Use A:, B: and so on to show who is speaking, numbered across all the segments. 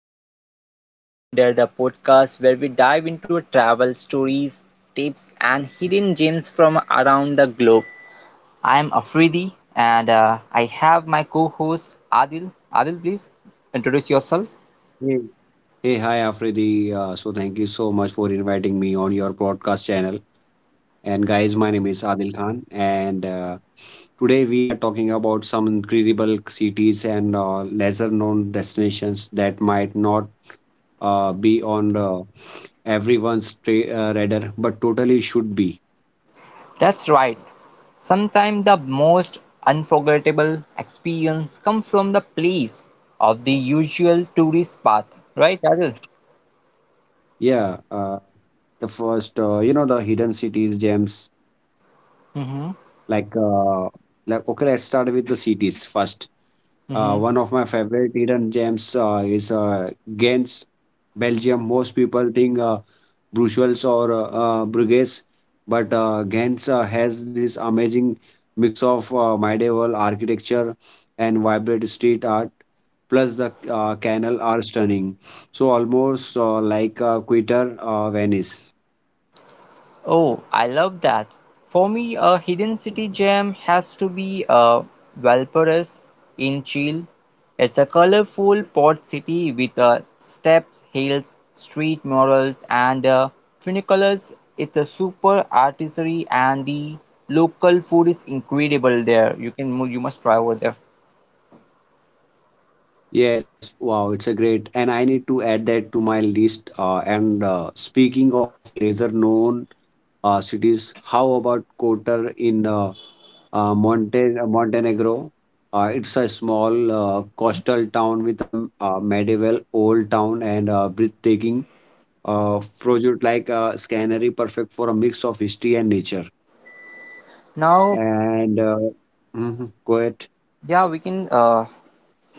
A: Wonderlust Wonder, the podcast where we dive into travel stories, tips, and hidden gems from around the globe. I'm Afridi and I have my co host Adil. Adil, please introduce yourself.
B: Hey, hey, hi Afridi. So thank you so much for inviting me on your podcast channel. And guys, my name is Adil Khan, and today we are talking about some incredible cities and lesser-known destinations that might not be on the everyone's radar, but totally should be.
A: That's right, sometimes the most unforgettable experience comes from the place of the usual tourist path, right, Adil?
B: Yeah, the first, the hidden cities gems
A: Mm-hmm.
B: like uh, okay, let's start with the cities first.
A: Mm-hmm.
B: One of my favorite hidden gems is Ghent, Belgium. Most people think Brussels or Bruges, but Ghent has this amazing mix of medieval architecture and vibrant street art. Plus, the canal are stunning. So almost Quitter, Venice.
A: Oh, I love that. For me, a hidden city gem has to be Valparaiso in Chile. It's a colorful port city with steps, hills, street murals, and funiculars. It's a super artistry, and the local food is incredible there. You can you must try over there.
B: Yes, wow, it's a great, and I need to add that to my list. And Speaking of lesser known cities. How about Kotor in Montenegro? It's a small coastal town with a medieval old town and breathtaking project like a scenery perfect for a mix of history and nature.
A: Now,
B: And uh, mhm, Go ahead.
A: yeah, we can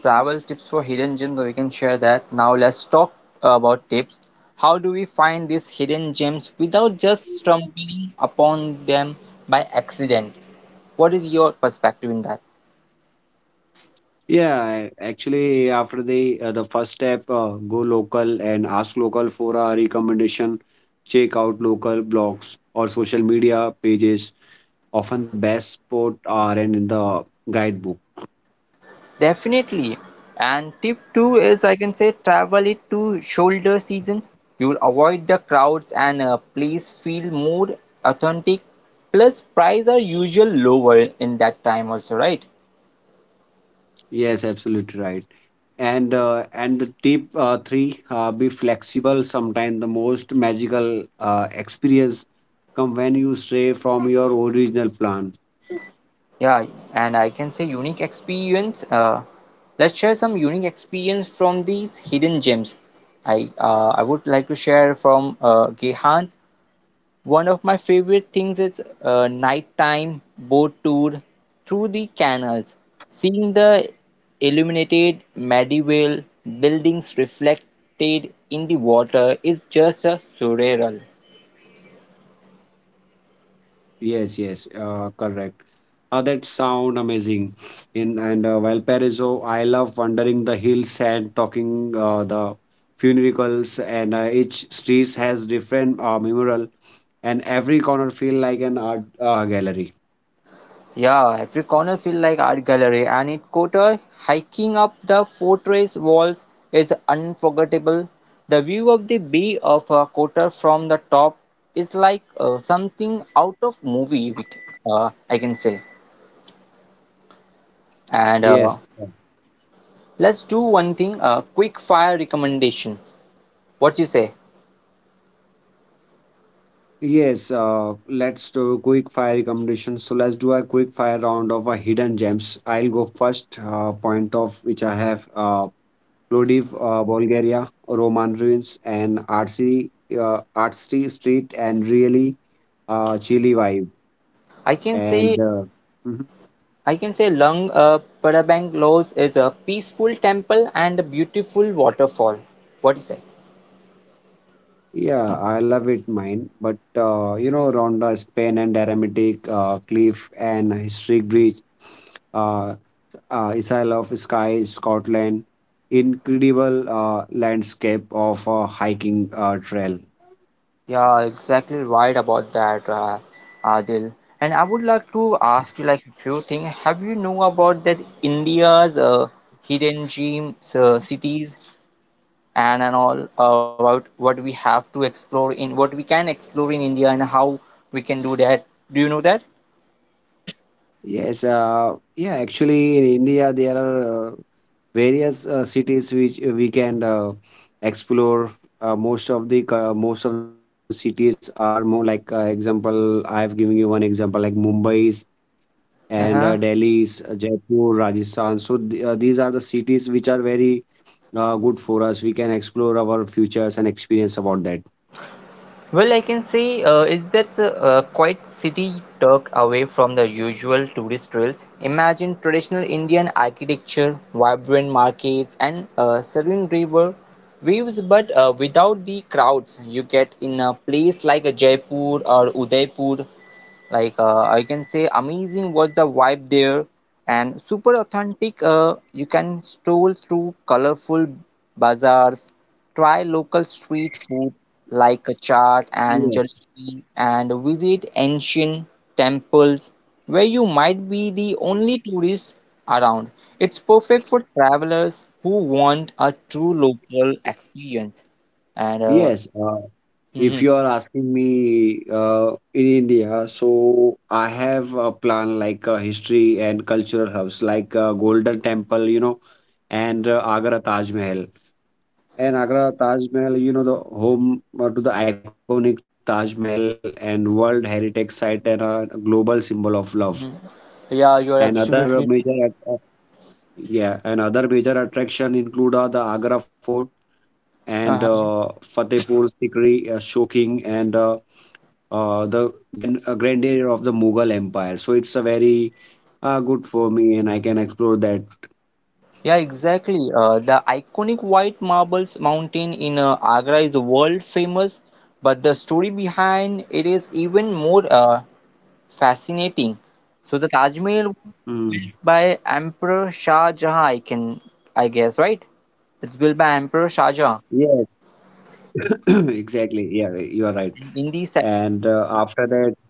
A: travel tips for hidden gems we can share that. Now let's talk about tips. How do we find these hidden gems without just stumbling upon them by accident? What is your perspective in that?
B: Yeah, actually, after the first step, go local and ask local for a recommendation. Check out local blogs or social media pages often the best sport aren't in the guidebook.
A: Definitely. And tip two is, I can say, travel it to shoulder season. You will avoid the crowds and please feel more authentic. Plus prices are usually lower in that time also, right?
B: Yes, absolutely right. And the tip three, be flexible. Sometimes the most magical experience come when you stray from your original plan.
A: Yeah, and I can say unique experience. Let's share some unique experience from these hidden gems. I would like to share from Gehan. One of my favorite things is nighttime boat tour through the canals, seeing the illuminated medieval buildings reflected in the water is just a surreal.
B: Yes, yes, correct. That sound amazing. In and Valparaiso, I love wandering the hills and talking the funerals, and each street has different mural, and every corner feel like an art gallery.
A: Yeah, every corner feels like art gallery, and in Kotor, hiking up the fortress walls is unforgettable. The view of the bay of Kotor from the top is like something out of movie. I can say. And
B: Yes,
A: let's do one thing: a quick fire recommendation. What you say?
B: yes. Let's do quick fire recommendations. So let's do a quick fire round of hidden gems. I'll go first. Point of which I have. Plovdiv, Bulgaria, Roman ruins, and artsy street, and really chilly vibe.
A: I can
B: And
A: say
B: mhm.
A: I can say Lung Prabang Lows is a peaceful temple and a beautiful waterfall. What you say?
B: Yeah, I love it, mine. But you know, Ronda, Spain, and Aromatic Cliff and Historic Bridge, uh, Isle of Skye, Scotland, incredible landscape of a hiking trail.
A: Yeah, exactly right about that, Adil. And I would like to ask you like a few things. Have you know about that India's hidden gems, cities, and all about what we have to explore in what we can explore in India and how we can do that? Do you know that?
B: Yes, yeah, actually in India there are various cities which we can explore. Most of the most of the cities are more like example. I have given you one example like Mumbai's and
A: Uh-huh.
B: Delhi's, Jaipur, Rajasthan. So th these are the cities which are very good for us. We can explore our futures and experience about that.
A: Well, I can say is that quite city tucked away from the usual tourist trails. Imagine traditional Indian architecture, vibrant markets, and serene river views, but without the crowds you get in a place like a Jaipur or Udaipur. Like I can say amazing was the vibe there, and super authentic. You can stroll through colorful bazaars, try local street food like a chaat and
B: Yes.
A: jalebi, and visit ancient temples where you might be the only tourist around. It's perfect for travelers who want a true local experience, and
B: Yes. Uh, If
A: mhm,
B: you are asking me in India, so I have a plan like history and cultural hubs like Golden Temple, you know, and Agra Taj Mahal. And Agra Taj Mahal, you know, the home to the iconic Taj Mahal and World Heritage Site and a global symbol of love.
A: mhm. Yeah,
B: And
A: you're
B: other major,
A: absolutely
B: at- Yeah, and other major attraction include the Agra Fort and
A: uh-huh.
B: Fatehpur Sikri Shoking and uh, the grandeur of the Mughal Empire. So it's a very good for me, and I can explore that.
A: Yeah, exactly. The iconic White Marbles Mountain in Agra is world famous, but the story behind it is even more fascinating. So the Taj Mahal
B: Mm.
A: by Emperor Shah Jahan, I guess, right? It's built by Emperor Shah Jahan
B: Yes, exactly. Yeah, you are right.
A: in the set.
B: And uh, after that,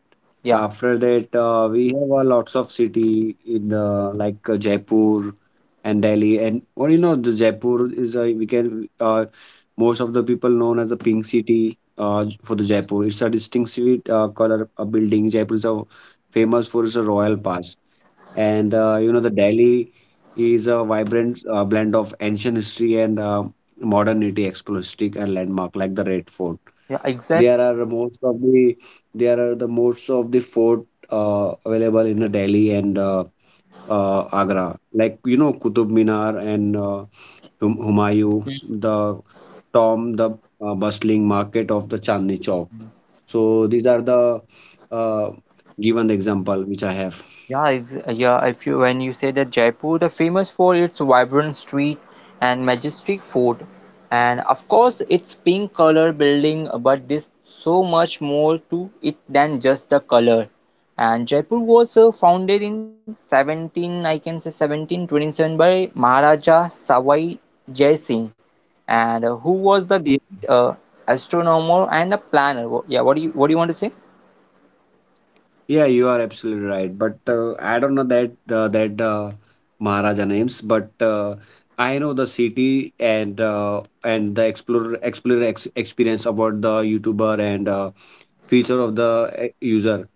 A: Yeah,
B: after that, we have lots of city in Jaipur and Delhi, and or you know, the Jaipur is we can most of the people known as the pink city. For the Jaipur, it's a distinctive color building. Jaipur is a, famous for its royal pass and you know the Delhi is a vibrant blend of ancient history and modernity, explosive and landmark like the Red Fort.
A: yeah, exactly.
B: There are most of the there are the most of the fort available in the Delhi and Agra, like you know Qutub Minar and Humayun, the Tom, the bustling market of the Chandni Chowk. So these are the uh, given example which I have.
A: Yeah, if, yeah. If you when you say that Jaipur, the famous for its vibrant street and majestic fort, and of course its pink color building, but there's so much more to it than just the color. And Jaipur was founded in 17, I can say, 1727 by Maharaja Sawai Jai Singh, and who was the great, astronomer and a planner. Yeah, what do you want to say?
B: Yeah, you are absolutely right. But I don't know that Maharaja names, but I know the city and the explorer explorer ex experience about the YouTuber and feature of the user.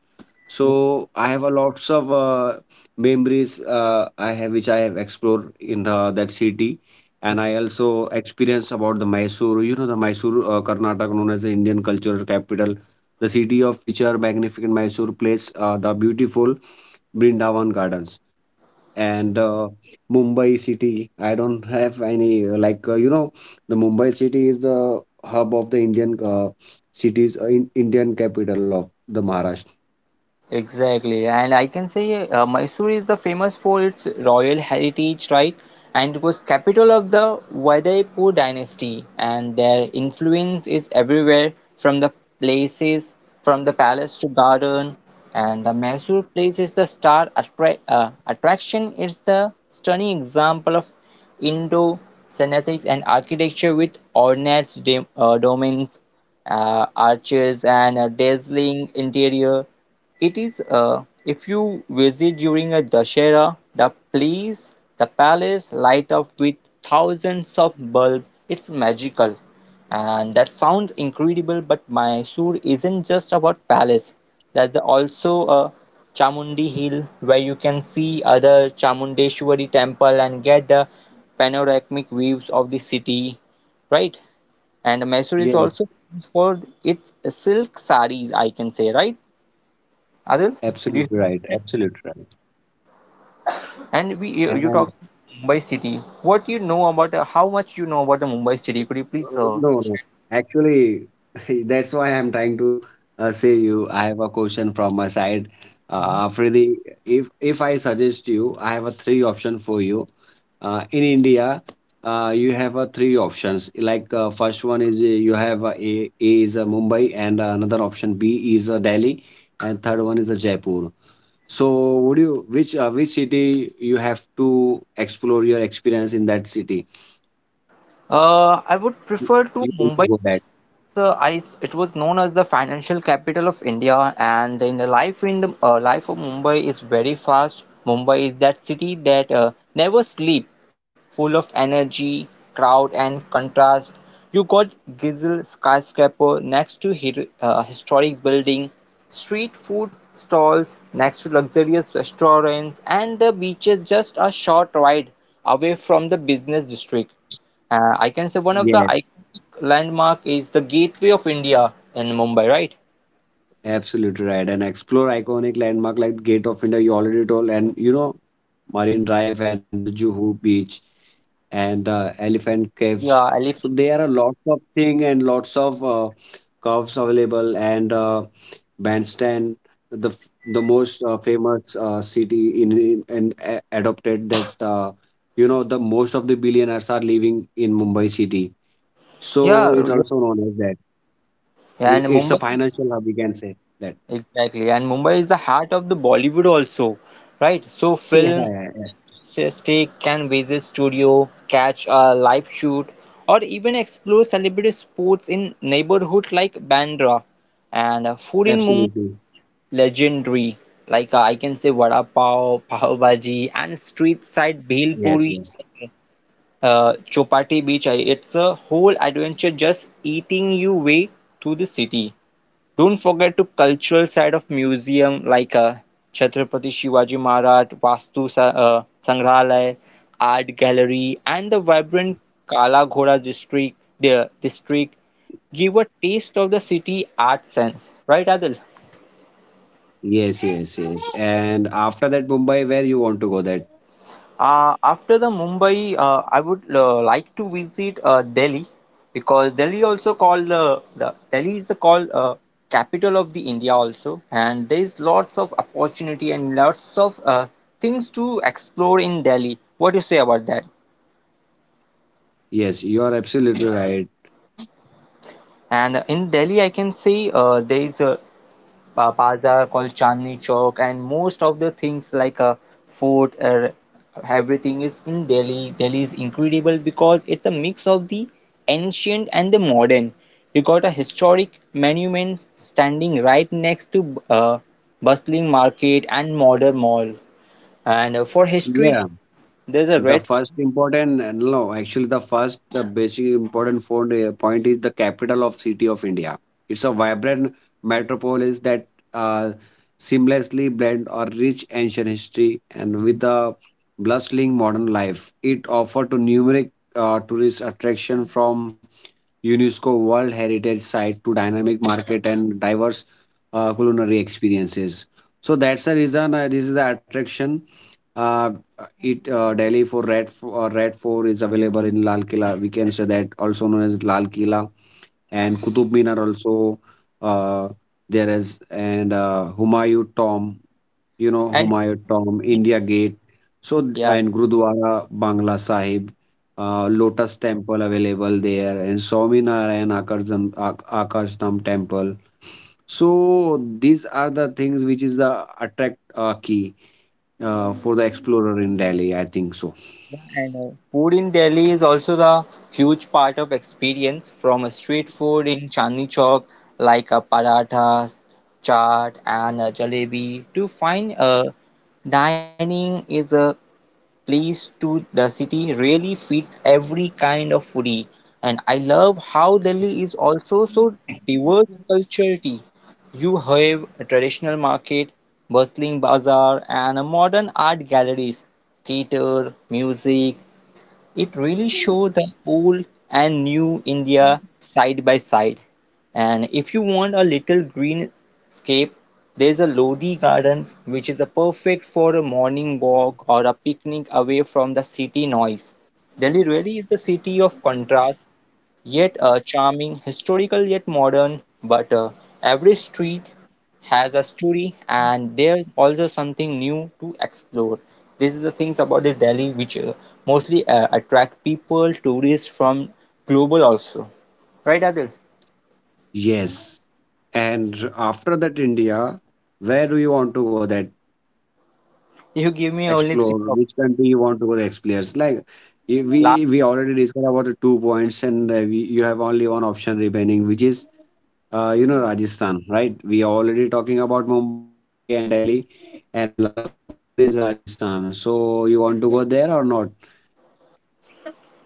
B: So I have a lots of memories I have which I have explored in the that city, and I also experience about the Mysore. You know the Mysore, Karnataka, known as the Indian cultural capital, the city of future magnificent Mysore place, the beautiful Brindavan Gardens, and Mumbai city. I don't have any you know the Mumbai city is the hub of the Indian cities, Indian capital of the Maharashtra.
A: Exactly, and I can say Mysore is the famous for its royal heritage, right? And it was capital of the Udaipur dynasty, and their influence is everywhere from the places, from the palace to garden, and the Mysore place is the star attraction. It's the stunning example of Indo Cenotics and architecture with ornate domains, arches, and a dazzling interior. It is if you visit during a Dashera, the place, the palace light up with thousands of bulbs. It's magical, and that sounds incredible. But Mysore isn't just about palace. There's also a Chamundi Hill where you can see other Chamundeshwari temple and get the panoramic views of the city, right? And Mysore is
B: Yes.
A: also famous for its silk saris, I can say, right? Adil, do you
B: Absolutely
A: have
B: right.
A: any time?
B: Absolutely right.
A: And we you you talk
B: And
A: about Mumbai city. What you know about how much you know about the Mumbai city? Could you please
B: no, no. Actually, that's why I'm trying to say you. I have a question from my side. Afridi, if I suggest you, I have a three option for you. In India, you have a three options. Like first one is you have A is Mumbai, and another option B is Delhi, and third one is Jaipur. So, would you which city you have to explore your experience in that city?
A: I would
B: You
A: prefer to
B: you want to
A: Mumbai.
B: go
A: It was known as the financial capital of India, and in the life of Mumbai is very fast. Mumbai is that city that never sleep, full of energy, crowd, and contrast. You got Gizl skyscraper next to hero, historic building, street food stalls next to luxurious restaurants, and the beaches just a short ride away from the business district. I can say one of the
B: yes,
A: iconic landmark is the Gateway of India in Mumbai, right?
B: absolutely right. And explore iconic landmark like Gate of India, you already told, and you know, Marine Drive and Juhu Beach and Elephant Caves.
A: Yeah, I live
B: So there are lots of thing and lots of curves available and Bandstand, the most famous city in and adopted that you know the most of the billionaires are living in Mumbai city. So it's
A: here. Yeah.
B: also known as that.
A: Yeah,
B: It,
A: and
B: it's a
A: Mumbai,
B: financial hub, we can say that.
A: exactly. And Mumbai is the heart of the Bollywood also, right? So
B: Yeah,
A: film,
B: yeah, yeah,
A: stay, can visit studio, catch a live shoot, or even explore celebrity sports in neighborhood like Bandra. And food in Mumbai,
B: absolutely.
A: legendary. Like I can say vada pav, pav bhaji, and street side bhel
B: Yes,
A: puri.
B: yes,
A: Chopati Beach. It's a whole adventure just eating you way through the city. Don't forget to cultural side of museum like Chhatrapati Shivaji Maharaj, Vastu Sangrahalaya, Art Gallery, and the vibrant Kala Ghoda district. The district give a taste of the city art sense, right, Adil?
B: yes, yes, yes. And after that, Mumbai, where you want to go? That
A: After the Mumbai, I would like to visit Delhi, because Delhi also called the Delhi is the called capital of the India also, and there is lots of opportunity and lots of things to explore in Delhi. What do you say about that?
B: yes, you are absolutely right.
A: And in Delhi, I can say there is a bazaar called Chandni Chowk, and most of the things like a fort, everything is in Delhi. Delhi is incredible because it's a mix of the ancient and the modern. You got a historic monument standing right next to bustling market and modern mall. And for history,
B: Yeah.
A: there's a
B: The
A: red
B: first important, no, actually the first, the basic important point is the capital of city of India. It's a vibrant metropolis that uh, seamlessly blend our rich ancient history and with a bustling modern life. It offers to numerous tourist attraction from UNESCO World Heritage Site to dynamic market and diverse culinary experiences. So that's the reason this is the attraction uh, it Delhi for Red Fort is available in Lal Killa. We can say that also known as Lal Killa and Qutub Minar also uh, there is and Humayun Tomb. You know
A: and
B: Humayun Tomb, India Gate. So th-
A: yeah.
B: and Gurudwara Bangla Sahib, Lotus Temple available there, and Swaminarayan Akarsham Temple. So these are the things which is the attract key for the explorer in Delhi. I think so.
A: And food in Delhi is also the huge part of experience from a street food in Chandni Chowk like a paratha, chaat and a jalebi to fine dining is a place to the city really feeds every kind of foodie. And I love how Delhi is also so diverse culturally. You have a traditional market, bustling bazaar and a modern art galleries, theatre, music. It really shows the old and new India side by side. And if you want a little green scape, there's a Lodi garden which is a perfect for a morning walk or a picnic away from the city noise. Delhi really is the city of contrast, yet a charming, historical yet modern, but every street has a story and there's also something new to explore. This is the things about the Delhi which mostly attract people, tourists from global also. Right, Adil?
B: Yes. And after that, India, where do you want to go? That
A: You give me only three
B: explore
A: of
B: which country you want to go? The explorers like i- we
A: last.
B: we already discussed about the two points, and you have only one option remaining, which is you know Rajasthan, right? We are already talking about Mumbai and Delhi, and last option is Rajasthan. So you want to go there or not?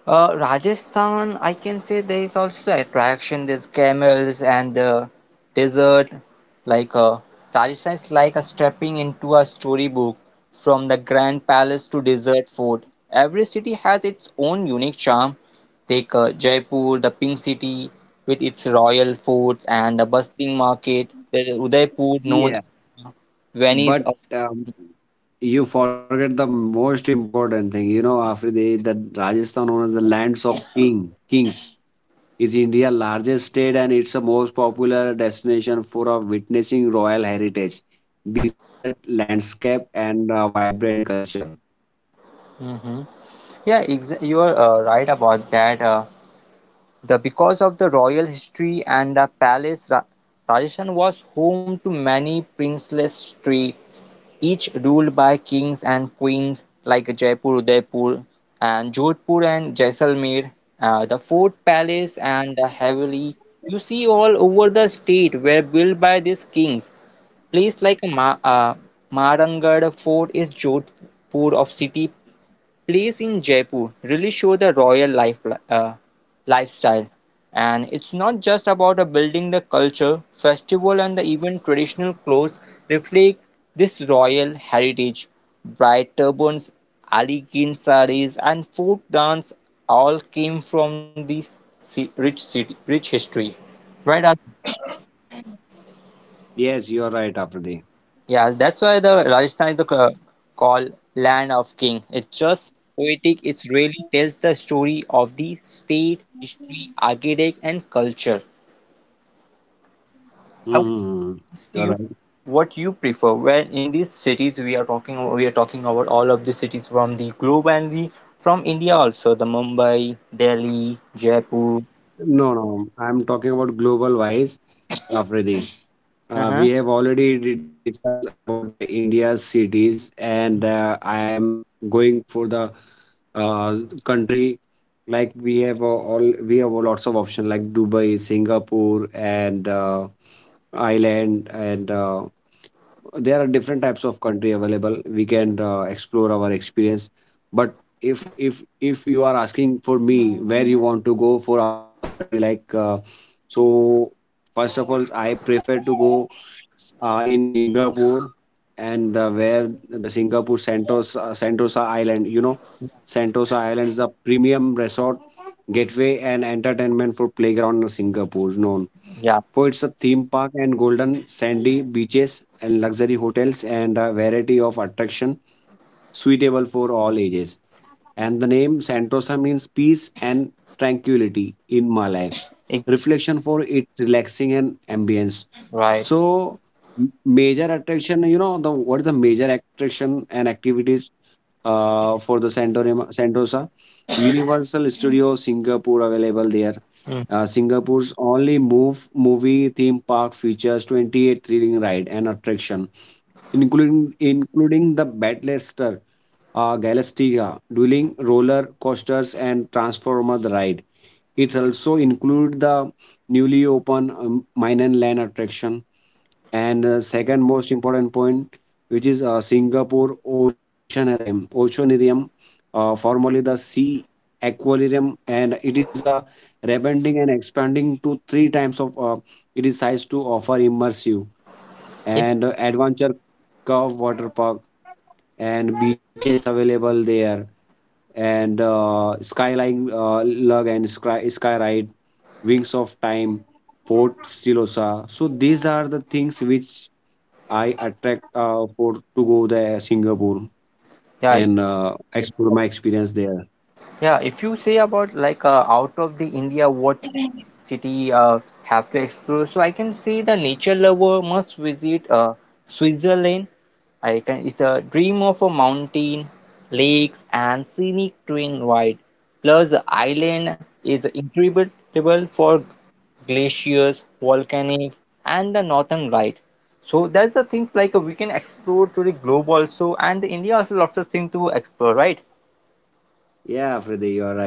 A: Rajasthan, I can say there is also the attraction, there's camels and the desert. Like Rajasthan is like a stepping into a storybook from the grand palace to desert fort. Every city has its own unique charm. Take Jaipur, the pink city with its royal forts and the bustling market. There's Udaipur, known
B: Yeah,
A: as Venice
B: but.
A: of.
B: You forget the most important thing. You know, Afridi, that Rajasthan, known as the lands of kings, is India's largest state and it's the most popular destination for witnessing royal heritage, desert landscape, and vibrant culture.
A: Mhm. You are right about that. The because of the royal history and the palace, Rajasthan was home to many princeless states, each ruled by kings and queens like Jaipur, Udaipur and Jodhpur and Jaisalmer. The fort palace and the heavily you see all over the state were built by these kings. Place like Marangarh Fort is Jodhpur of city place in Jaipur really show the royal lifestyle. And it's not just about building the culture, festival, and the even traditional clothes reflect this royal heritage. Bright turbans, elegant saris, and folk dance all came from this rich city, rich history. Right? Ar-
B: Yes, you are right, Afridi.
A: Yeah, that's why the Rajasthan is the called land of king. It's just poetic. It really tells the story of the state, history, architect, and culture. I would
B: Hmm.
A: ask
B: You're
A: you
B: right.
A: what you prefer. Where in these cities we are talking about all of the cities from the globe and the from India also. The Mumbai, Delhi, Jaipur.
B: No, no, I'm talking about global wise, Afridi. Uh, we
A: Uh-huh.
B: have already di- discussed about the India's cities, and I am going for the uh, country. Like we have we have lots of options like Dubai, Singapore, and Ireland, and there are different types of country available we can explore our experience but if you are asking for me where you want to go for out of the country like so first of all I prefer to go in Singapore and where the Singapore Sentosa Island, you know, Sentosa Island is a premium resort gateway and entertainment for playground in Singapore no
A: Yeah.
B: for its a theme park and golden sandy beaches and luxury hotels and a variety of attraction suitable for all ages. And the name Sentosa means peace and tranquility in Malay.
A: It,
B: Reflection for its relaxing and ambience.
A: right.
B: So major attraction, you know, the what is the major attraction and activities for the Santorima, Sentosa? Universal Studio Singapore available there
A: Mm.
B: Singapore's only move movie theme park features 28 thrilling ride and attraction, including the Battlestar, Galactica, dueling roller coasters and Transformer ride. It also include the newly open mine and land attraction. And second most important point, which is Singapore Oceanarium, formerly the Sea Aquarium, and it is a rebranding and expanding to three times of it is size to offer immersive and adventure curve water park and beaches available there and skyline lug and sky, sky ride, Wings of Time, Fort Silosa. So these are the things which I attract for to go there Singapore
A: Yeah. Yeah.
B: and
A: It-
B: explore my experience there.
A: yeah, if you say about like out of the India, what city have to explore? So I can say the nature lover must visit Switzerland. I can it's a dream of a mountain, lakes, and scenic terrain wide. Plus, the island is incredible for glaciers, volcanic, and the northern light. So that's the things like we can explore to the globe also, and India also lots of things to explore, right?
B: Yeah, Afridi, you are right.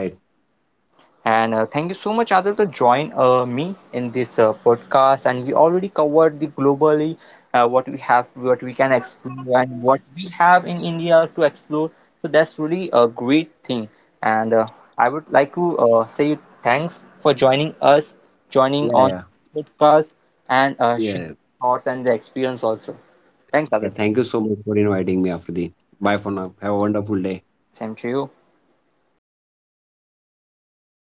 A: And thank you so much, Adil, to join me in this podcast. And we already covered the globally what we have, what we can explore, and what we have in India to explore. So that's really a great thing. And I would like to say thanks for
B: Yeah,
A: joining
B: yeah,
A: on podcast, and
B: yeah,
A: sharing thoughts and the experience also. Thanks,
B: yeah.
A: Adil.
B: Thank you so much for inviting me, Afridi. Bye for now. Have a wonderful day.
A: Same to you.